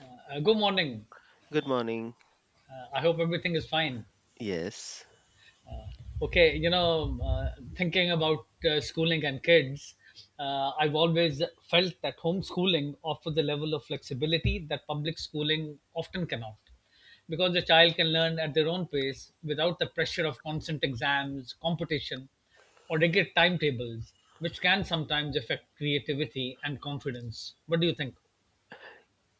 Uh, Good morning. Good morning. I hope everything is fine. Yes. Okay, you know, thinking about schooling and kids, I've always felt that homeschooling offers a level of flexibility that public schooling often cannot. Because the child can learn at their own pace without the pressure of constant exams, competition, or rigid timetables, which can sometimes affect creativity and confidence. What do you think?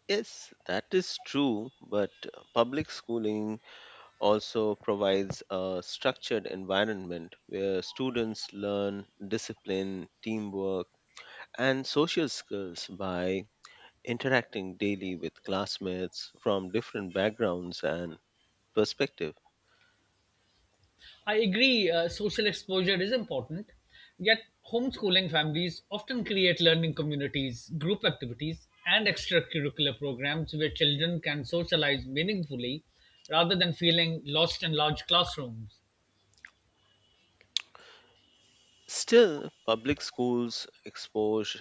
Yes, that is true, but public schooling also provides a structured environment where students learn discipline, teamwork, and social skills by interacting daily with classmates from different backgrounds and perspective. I agree, social exposure is important, yet, homeschooling families often create learning communities, group activities, and extracurricular programs where children can socialize meaningfully rather than feeling lost in large classrooms. Still, public schools expose,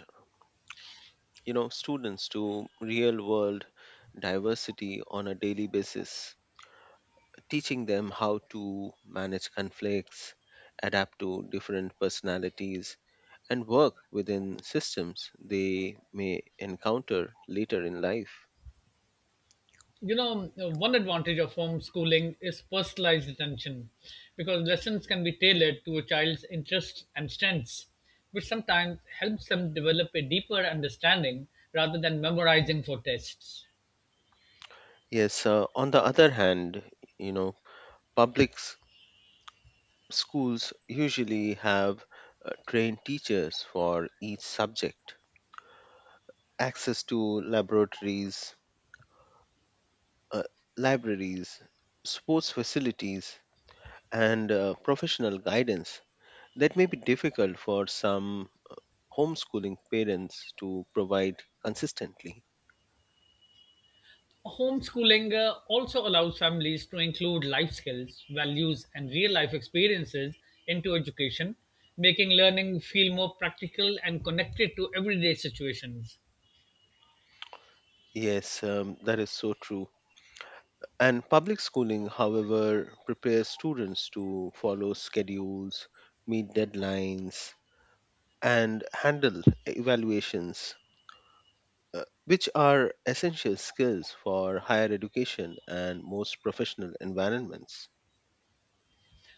you know, students to real-world diversity on a daily basis teaching them how to manage conflicts, adapt to different personalities, and work within systems they may encounter later in life. You know, one advantage of homeschooling is personalized attention because lessons can be tailored to a child's interests and strengths, which sometimes helps them develop a deeper understanding rather than memorizing for tests. Yes, on the other hand, you know, public s- schools usually have trained teachers for each subject, access to laboratories, uh, libraries, sports facilities, and professional guidance that may be difficult for some homeschooling parents to provide consistently. Homeschooling also allows families to include life skills, values, and real life experiences into education, making learning feel more practical and connected to everyday situations. Yes, that is so true. And public schooling, however, prepares students to follow schedules, meet deadlines, and handle evaluations, which are essential skills for higher education and most professional environments.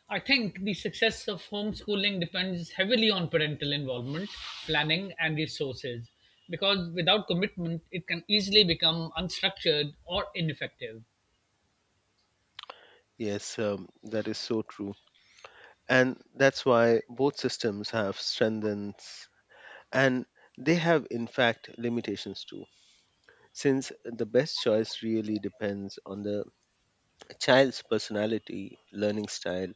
I think the success of homeschooling depends heavily on parental involvement, planning, and resources, because without commitment, it can easily become unstructured or ineffective. Yes, that is so true. And that's why both systems have strengths and they have, in fact, limitations too since the best choice really depends on the child's personality, learning style,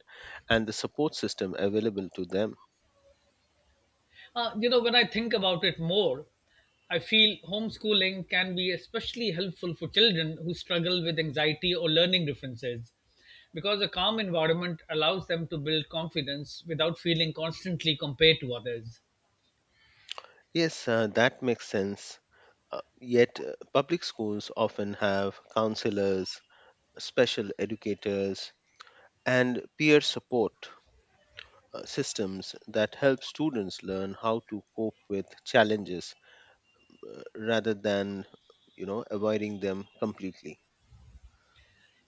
and the support system available to them. You know, when I think about it more, I feel homeschooling can be especially helpful for children who struggle with anxiety or learning differences because a calm environment allows them to build confidence without feeling constantly compared to others. Yes, that makes sense. Yet, public schools often have counselors, special educators, and peer support systems that help students learn how to cope with challenges rather than you know avoiding them completely.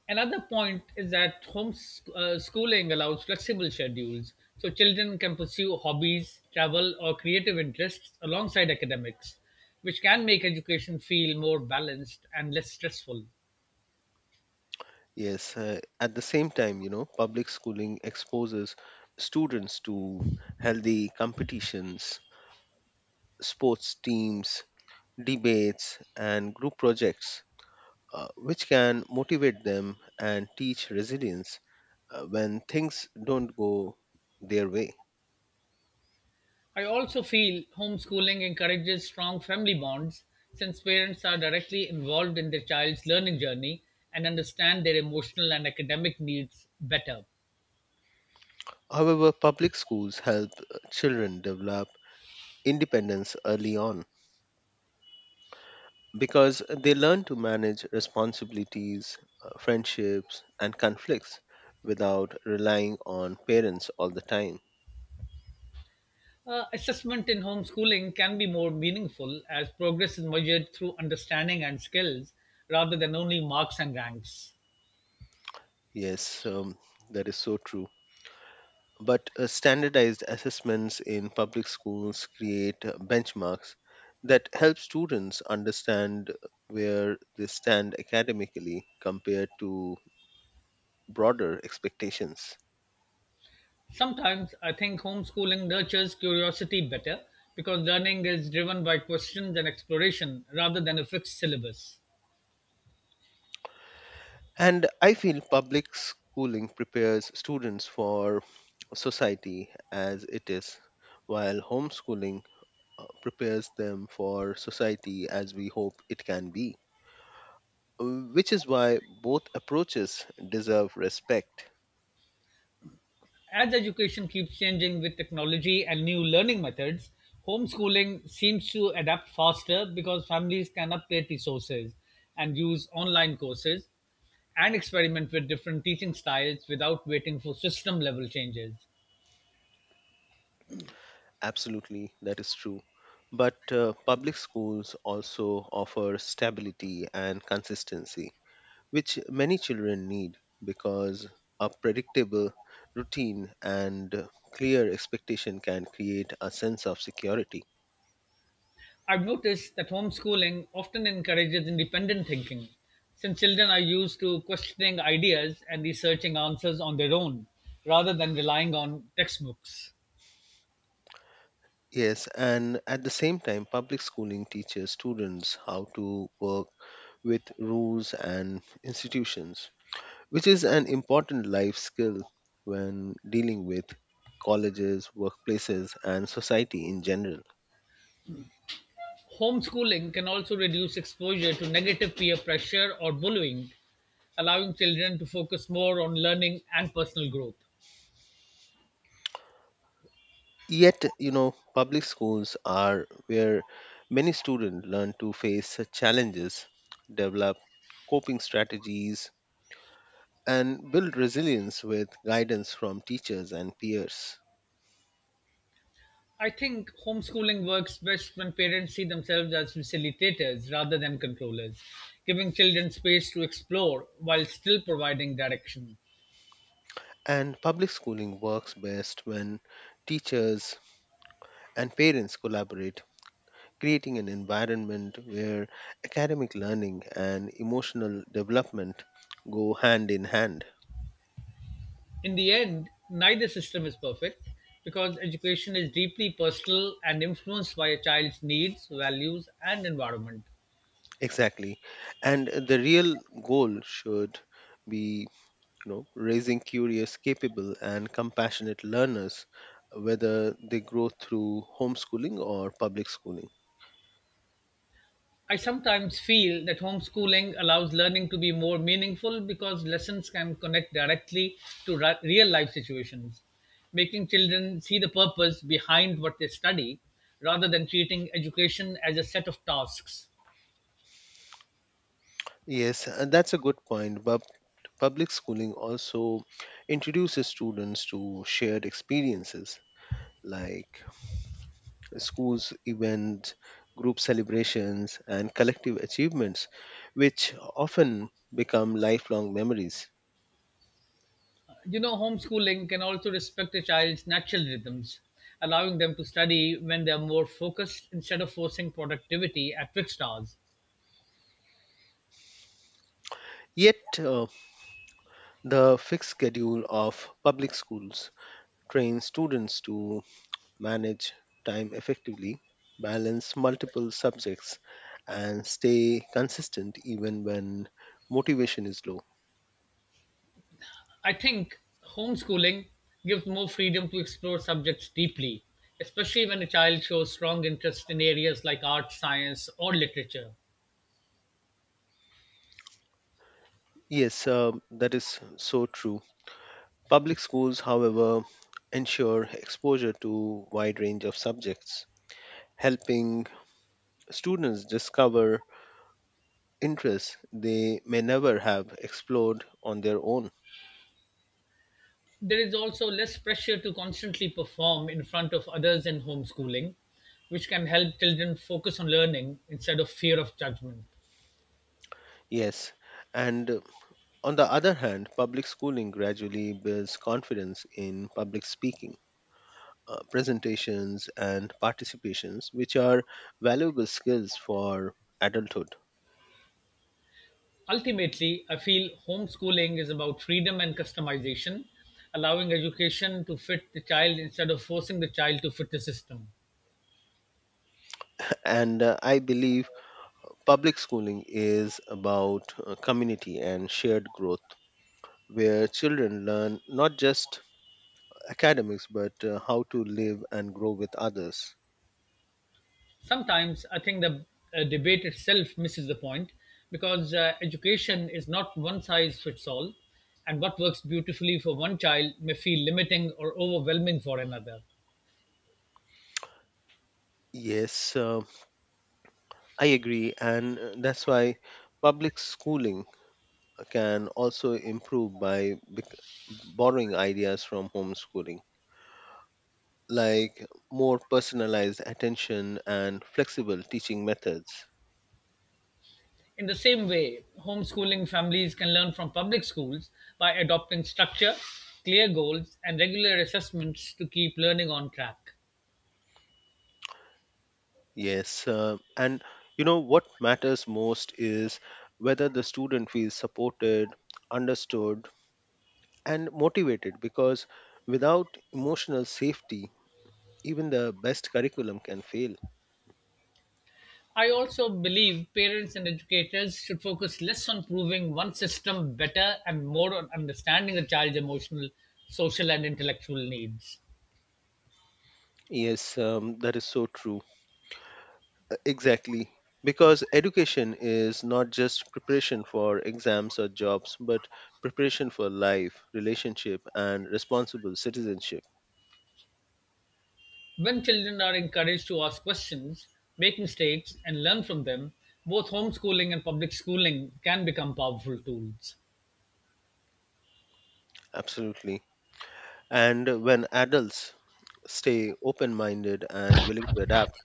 Another point is that homeschooling allows flexible schedules, so children can pursue hobbies, travel, or creative interests alongside academics, which can make education feel more balanced and less stressful. Yes, at the same time, you know, public schooling exposes students to healthy competitions, sports teams, debates, and group projects, which can motivate them and teach resilience when things don't go their way. I also feel homeschooling encourages strong family bonds since parents are directly involved in their child's learning journey and understand their emotional and academic needs better. However, public schools help children develop independence early on, because they learn to manage responsibilities, friendships, and conflicts without relying on parents all the time. Assessment in homeschooling can be more meaningful as progress is measured through understanding and skills rather than only marks and ranks. Yes, that is so true. But standardized assessments in public schools create benchmarks that help students understand where they stand academically compared to broader expectations. Sometimes I think homeschooling nurtures curiosity better because learning is driven by questions and exploration rather than a fixed syllabus. And I feel public schooling prepares students for society as it is, while homeschooling prepares them for society as we hope it can be, which is why both approaches deserve respect. As education keeps changing with technology and new learning methods, homeschooling seems to adapt faster because families can update resources and use online courses and experiment with different teaching styles without waiting for system level changes. Absolutely, that is true. But public schools also offer stability and consistency, which many children need because a predictable routine and clear expectation can create a sense of security. I've noticed that homeschooling often encourages independent thinking, since children are used to questioning ideas and researching answers on their own rather than relying on textbooks. Yes, and at the same time, public schooling teaches students how to work with rules and institutions, which is an important life skill when dealing with colleges, workplaces, and society in general. Homeschooling can also reduce exposure to negative peer pressure or bullying, allowing children to focus more on learning and personal growth. Yet, you know, public schools are where many students learn to face challenges, develop coping strategies, and build resilience with guidance from teachers and peers. I think homeschooling works best when parents see themselves as facilitators rather than controllers, giving children space to explore while still providing direction. And public schooling works best when teachers and parents collaborate, creating an environment where academic learning and emotional development go hand in hand. In the end, neither system is perfect because education is deeply personal and influenced by a child's needs, values, and environment. Exactly. And the real goal should be, you know, raising curious, capable, and compassionate learners, whether they grow through homeschooling or public schooling. I sometimes feel that homeschooling allows learning to be more meaningful because lessons can connect directly to real life situations, making children see the purpose behind what they study rather than treating education as a set of tasks. Yes, that's a good point. But public schooling also introduces students to shared experiences like schools events, group celebrations, and collective achievements, which often become lifelong memories. You know, homeschooling can also respect a child's natural rhythms, allowing them to study when they are more focused instead of forcing productivity at fixed hours. Yet, the fixed schedule of public schools trains students to manage time effectively, balance multiple subjects, and stay consistent even when motivation is low. I think homeschooling gives more freedom to explore subjects deeply, especially when a child shows strong interest in areas like art, science, or literature. Yes, that is so true. Public schools, however, ensure exposure to wide range of subjects, helping students discover interests they may never have explored on their own. There is also less pressure to constantly perform in front of others in homeschooling, which can help children focus on learning instead of fear of judgment. Yes, and on the other hand, public schooling gradually builds confidence in public speaking, presentations, and participations, which are valuable skills for adulthood. Ultimately, I feel homeschooling is about freedom and customization, allowing education to fit the child instead of forcing the child to fit the system. And I believe public schooling is about community and shared growth, where children learn not just academics but how to live and grow with others. Sometimes I think the debate itself misses the point because education is not one size fits all, and what works beautifully for one child may feel limiting or overwhelming for another. Yes, I agree, and that's why public schooling can also improve by borrowing ideas from homeschooling, like more personalized attention and flexible teaching methods. In the same way, homeschooling families can learn from public schools by adopting structure, clear goals, and regular assessments to keep learning on track. Yes, and you know what matters most is whether the student feels supported, understood, and motivated because without emotional safety, even the best curriculum can fail. I also believe parents and educators should focus less on proving one system better and more on understanding the child's emotional, social, and intellectual needs. Yes, that is so true. Exactly. Because education is not just preparation for exams or jobs, but preparation for life, relationship, and responsible citizenship. When children are encouraged to ask questions, make mistakes, and learn from them, both homeschooling and public schooling can become powerful tools. Absolutely. And when adults stay open minded and willing to adapt,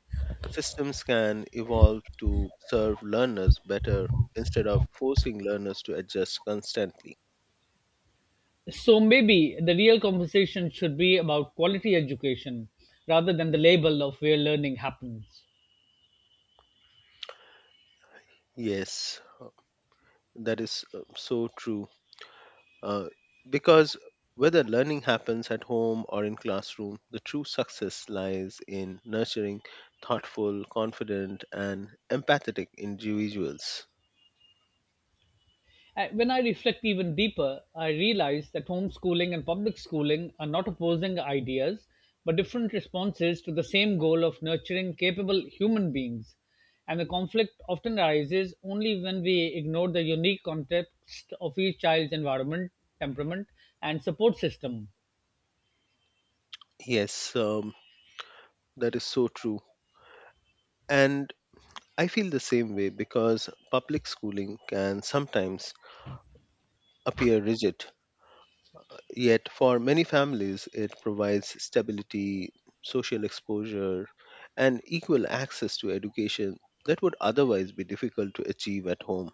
systems can evolve to serve learners better instead of forcing learners to adjust constantly. So maybe the real conversation should be about quality education rather than the label of where learning happens. Yes, that is so true. Uh, because whether learning happens at home or in classroom, the true success lies in nurturing thoughtful, confident, and empathetic individuals. When I reflect even deeper, I realize that homeschooling and public schooling are not opposing ideas, but different responses to the same goal of nurturing capable human beings. And the conflict often arises only when we ignore the unique context of each child's environment, temperament, and support system. Yes, that is so true. And I feel the same way because public schooling can sometimes appear rigid, yet, for many families, it provides stability, social exposure, and equal access to education that would otherwise be difficult to achieve at home.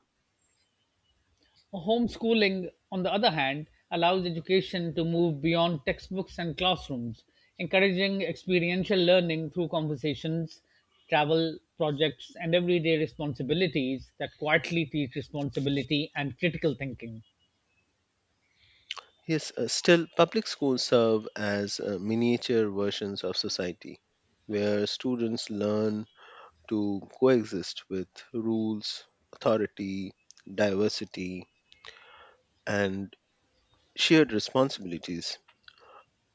Homeschooling, on the other hand, allows education to move beyond textbooks and classrooms, encouraging experiential learning through conversations, travel, projects, and everyday responsibilities that quietly teach responsibility and critical thinking. Yes, still, public schools serve as miniature versions of society where students learn to coexist with rules, authority, diversity, and shared responsibilities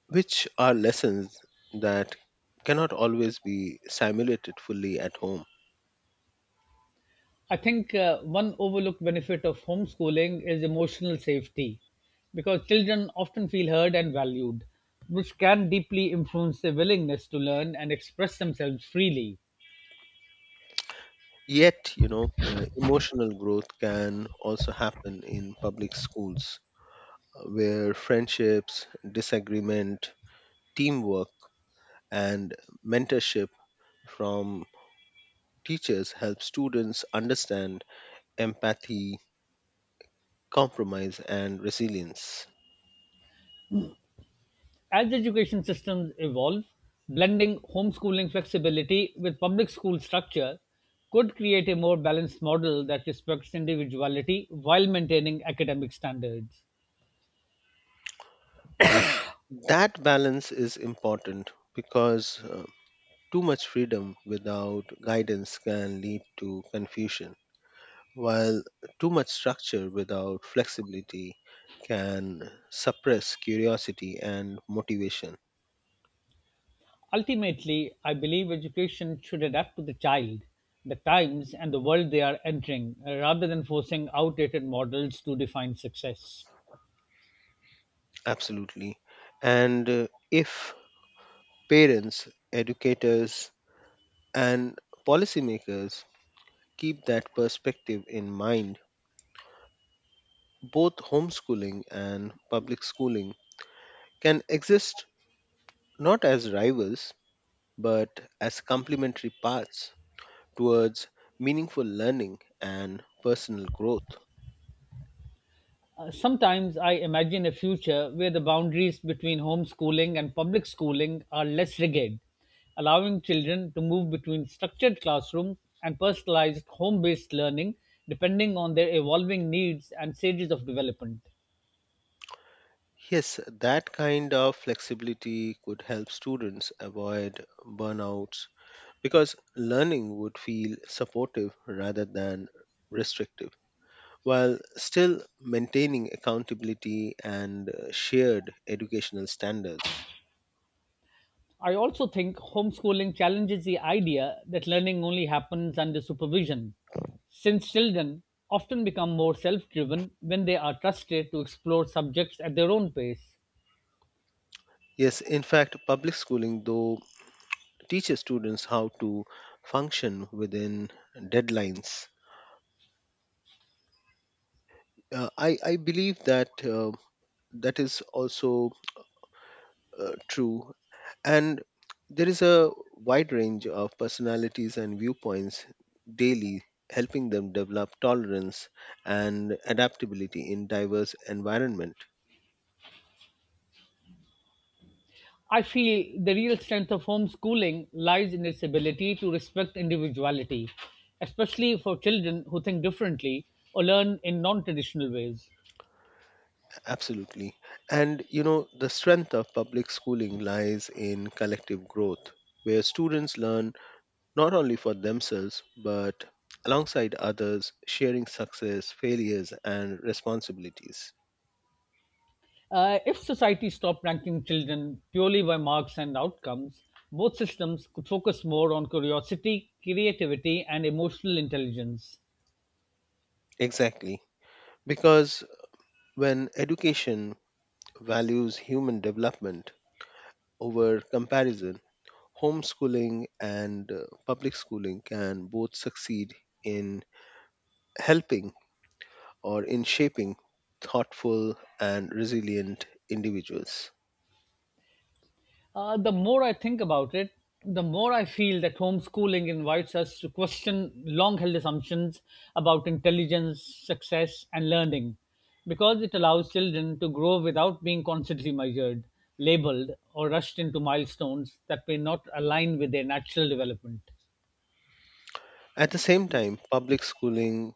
which are lessons that cannot always be simulated fully at home. I think one overlooked benefit of homeschooling is emotional safety because children often feel heard and valued, which can deeply influence their willingness to learn and express themselves freely. Yet, emotional growth can also happen in public schools where friendships, disagreement, teamwork, and mentorship from teachers help students understand empathy, compromise, and resilience. As education systems evolve, blending homeschooling flexibility with public school structure could create a more balanced model that respects individuality while maintaining academic standards. That balance is important because too much freedom without guidance can lead to confusion, while too much structure without flexibility can suppress curiosity and motivation. Ultimately, I believe education should adapt to the child, the times, and the world they are entering, rather than forcing outdated models to define success. Absolutely. And if parents, educators, and policymakers keep that perspective in mind, both homeschooling and public schooling can exist not as rivals but as complementary paths towards meaningful learning and personal growth. Sometimes I imagine a future where the boundaries between homeschooling and public schooling are less rigid, allowing children to move between structured classrooms and personalized home based learning depending on their evolving needs and stages of development. Yes, that kind of flexibility could help students avoid burnouts because learning would feel supportive rather than restrictive while still maintaining accountability and shared educational standards. I also think homeschooling challenges the idea that learning only happens under supervision, since children often become more self driven when they are trusted to explore subjects at their own pace. Yes, in fact, public schooling, though, teaches students how to function within deadlines. I believe that. That is also true and there is a wide range of personalities and viewpoints daily helping them develop tolerance and adaptability in diverse environment. I feel the real strength of homeschooling lies in its ability to respect individuality, especially for children who think differently or learn in non traditional ways. Absolutely, and you know the strength of public schooling lies in collective growth where students learn not only for themselves but alongside others sharing success failures and responsibilities. If society stopped ranking children purely by marks and outcomes, both systems could focus more on curiosity, creativity, and emotional intelligence. Exactly, because when education values human development over comparison, homeschooling and public schooling can both succeed in helping or in shaping thoughtful and resilient individuals. The more I think about it, the more I feel that homeschooling invites us to question long held assumptions about intelligence, success, and learning because it allows children to grow without being constantly measured, labeled, or rushed into milestones that may not align with their natural development. At the same time, public schooling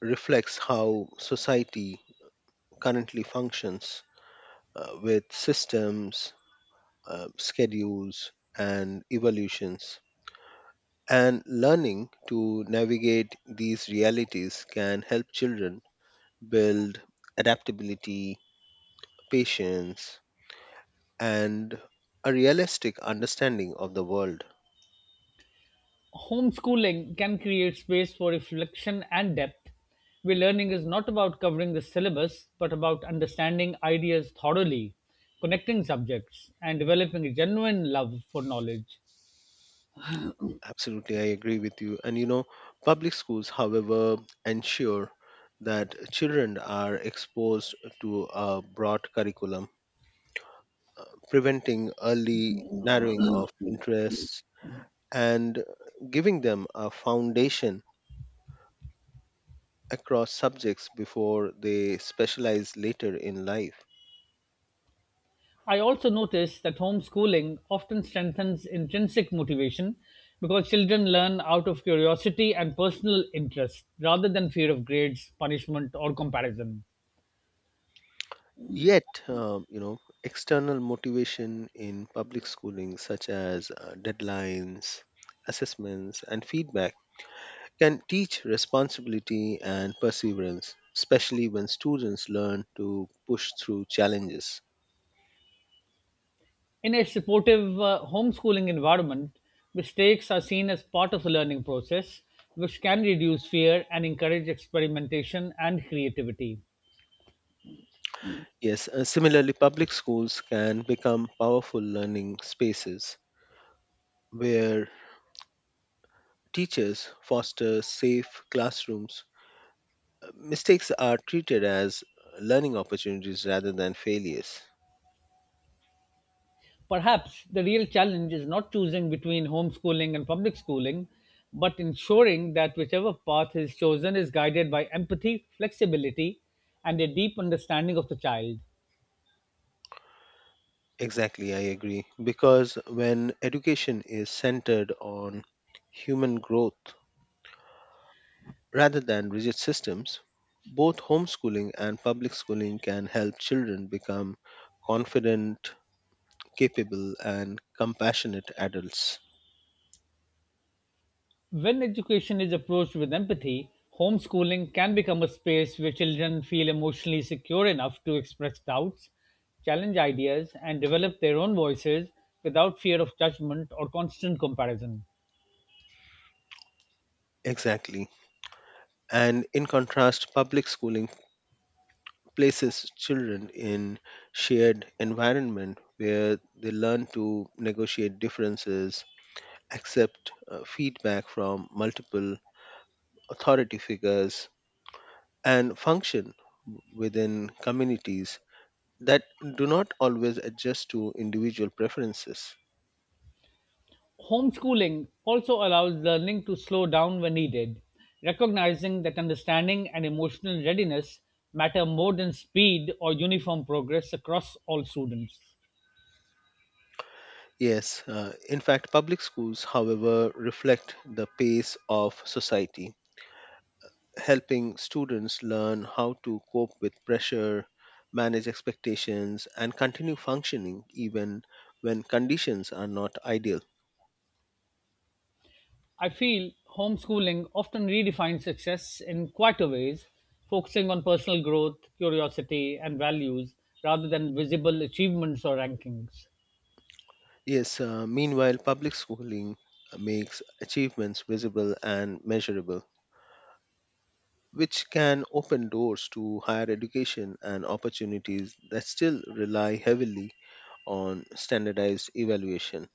reflects how society currently functions with systems, schedules, and evolutions. And learning to navigate these realities can help children build adaptability, patience, and a realistic understanding of the world. Homeschooling can create space for reflection and depth, where learning is not about covering the syllabus, but about understanding ideas thoroughly, connecting subjects, and developing a genuine love for knowledge. Absolutely, I agree with you. And you know, public schools, however, ensure that children are exposed to a broad curriculum, preventing early narrowing of interests and giving them a foundation across subjects before they specialize later in life. I also notice that homeschooling often strengthens intrinsic motivation because children learn out of curiosity and personal interest rather than fear of grades, punishment, or comparison. Yet, you know, external motivation in public schooling, such as deadlines, assessments, and feedback, can teach responsibility and perseverance, especially when students learn to push through challenges. In a supportive homeschooling environment, mistakes are seen as part of the learning process, which can reduce fear and encourage experimentation and creativity. Yes, similarly, public schools can become powerful learning spaces where teachers foster safe classrooms mistakes are treated as learning opportunities rather than failures. Perhaps the real challenge is not choosing between homeschooling and public schooling, but ensuring that whichever path is chosen is guided by empathy, flexibility, and a deep understanding of the child. Exactly, I agree. Because when education is centered on human growth rather than rigid systems, both homeschooling and public schooling can help children become confident, capable, and compassionate adults. When education is approached with empathy, homeschooling can become a space where children feel emotionally secure enough to express doubts, challenge ideas, and develop their own voices without fear of judgment or constant comparison. Exactly. And in contrast, public schooling places children in shared environment where they learn to negotiate differences, accept feedback from multiple authority figures, and function within communities that do not always adjust to individual preferences. Homeschooling also allows learning to slow down when needed, recognizing that understanding and emotional readiness matter more than speed or uniform progress across all students. Yes, in fact, public schools, however, reflect the pace of society helping students learn how to cope with pressure, manage expectations, and continue functioning even when conditions are not ideal. I feel homeschooling often redefines success in quieter ways, focusing on personal growth, curiosity, and values rather than visible achievements or rankings. Yes, meanwhile, public schooling makes achievements visible and measurable, which can open doors to higher education and opportunities that still rely heavily on standardized evaluation.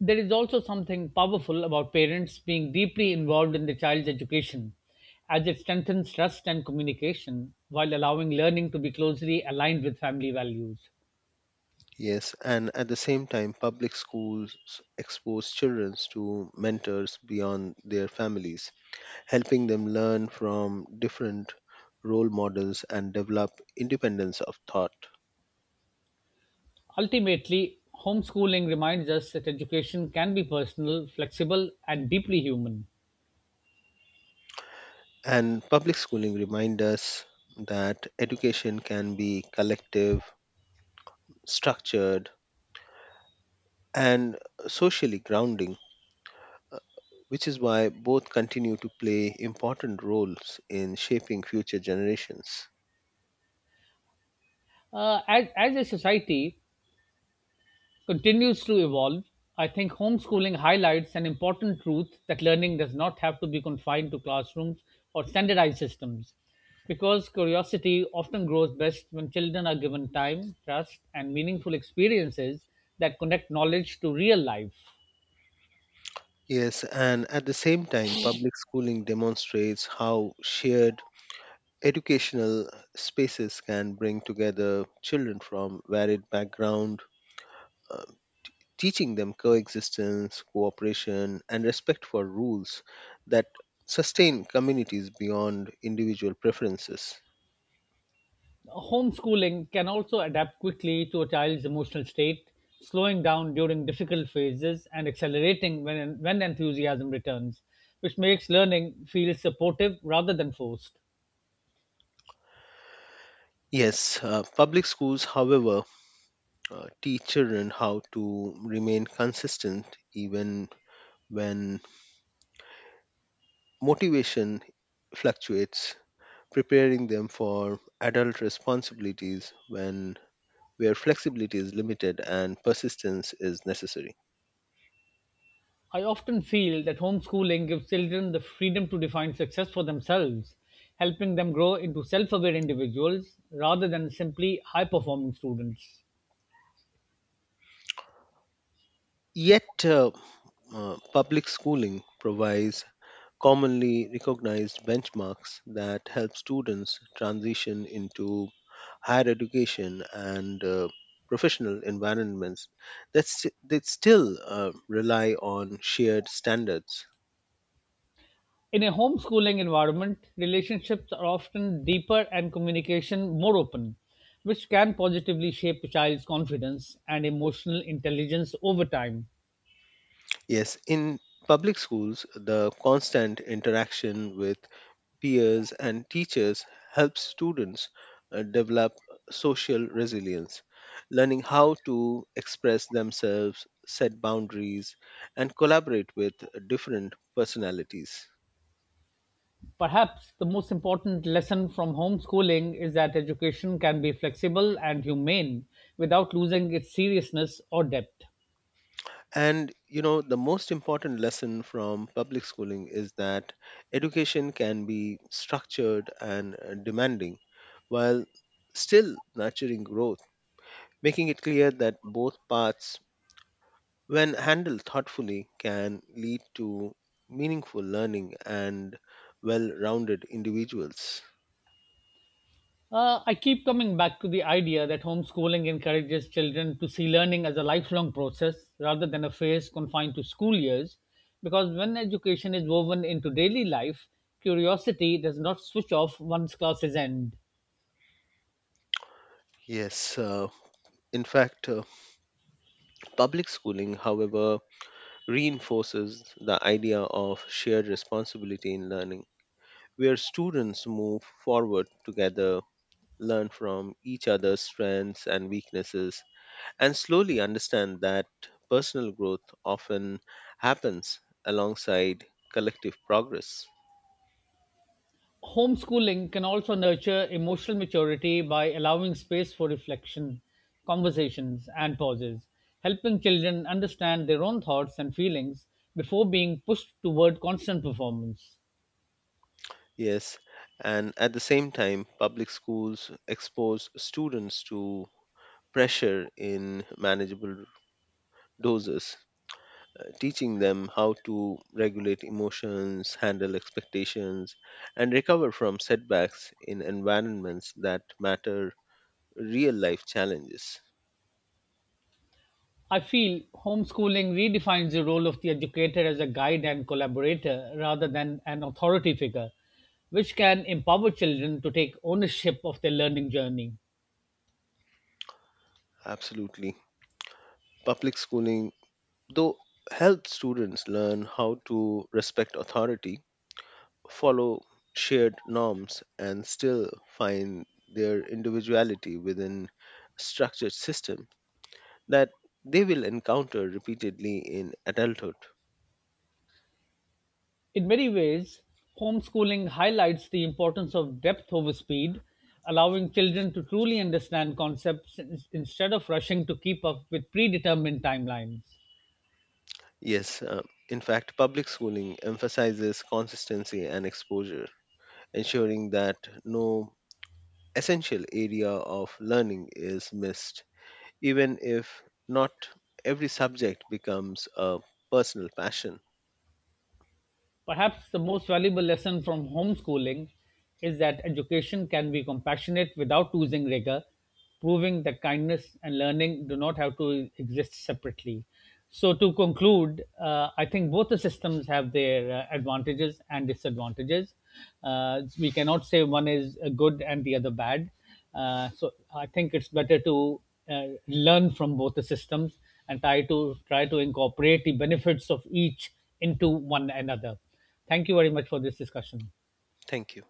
There is also something powerful about parents being deeply involved in the child's education, as it strengthens trust and communication while allowing learning to be closely aligned with family values. Yes, and at the same time, public schools expose children to mentors beyond their families, helping them learn from different role models and develop independence of thought. Ultimately, homeschooling reminds us that education can be personal, flexible, and deeply human. And public schooling reminds us that education can be collective, structured, and socially grounding, uh, which is why both continue to play important roles in shaping future generations. As a society, continues to evolve, I think homeschooling highlights an important truth that learning does not have to be confined to classrooms or standardized systems. Because curiosity often grows best when children are given time, trust, and meaningful experiences that connect knowledge to real life. Yes, and at the same time, public schooling demonstrates how shared educational spaces can bring together children from varied background, uh, teaching them coexistence, cooperation, and respect for rules that sustain communities beyond individual preferences. Homeschooling can also adapt quickly to a child's emotional state, slowing down during difficult phases and accelerating when enthusiasm returns, which makes learning feel supportive rather than forced. Yes, public schools, however, teach children how to remain consistent even when motivation fluctuates preparing them for adult responsibilities when where flexibility is limited and persistence is necessary. I often feel that homeschooling gives children the freedom to define success for themselves, helping them grow into self aware individuals rather than simply high performing students. Yet, public schooling provides commonly recognized benchmarks that help students transition into higher education and professional environments that, that still rely on shared standards. In a homeschooling environment, relationships are often deeper and communication more open, which can positively shape a child's confidence and emotional intelligence over time. Yes, in public schools, the constant interaction with peers, and teachers help students develop social resilience, learning how to express themselves, set boundaries, and collaborate with different personalities. Perhaps the most important lesson from homeschooling is that education can be flexible and humane without losing its seriousness or depth. And you know, the most important lesson from public schooling is that education can be structured and demanding while still nurturing growth, making it clear that both paths when handled thoughtfully, can lead to meaningful learning and well rounded individuals. I keep coming back to the idea that homeschooling encourages children to see learning as a lifelong process rather than a phase confined to school years, because when education is woven into daily life, curiosity does not switch off once classes end. Yes, in fact, public schooling, however, reinforces the idea of shared responsibility in learning, where students move forward together, learn from each other's strengths and weaknesses, and slowly understand that personal growth often happens alongside collective progress. Homeschooling can also nurture emotional maturity by allowing space for reflection, conversations, and pauses, helping children understand their own thoughts and feelings before being pushed toward constant performance. Yes, and at the same time, public schools expose students to pressure in manageable doses, teaching them how to regulate emotions, handle expectations, and recover from setbacks in environments that matter real life challenges. I feel homeschooling redefines the role of the educator as a guide and collaborator rather than an authority figure, which can empower children to take ownership of their learning journey. Absolutely. Public schooling, though, helps students learn how to respect authority follow shared norms and still find their individuality within structured system that they will encounter repeatedly in adulthood. In many ways, homeschooling highlights the importance of depth over speed, allowing children to truly understand concepts instead of rushing to keep up with predetermined timelines. Yes, in fact public schooling emphasizes consistency and exposure ensuring that no essential area of learning is missed even if not every subject becomes a personal passion. Perhaps the most valuable lesson from homeschooling is that education can be compassionate without losing rigor, proving that kindness and learning do not have to exist separately. So, to conclude, I think both the systems have their advantages and disadvantages. We cannot say one is good and the other bad. So, I think it's better to learn from both the systems and try to incorporate the benefits of each into one another. Thank you very much for this discussion. Thank you.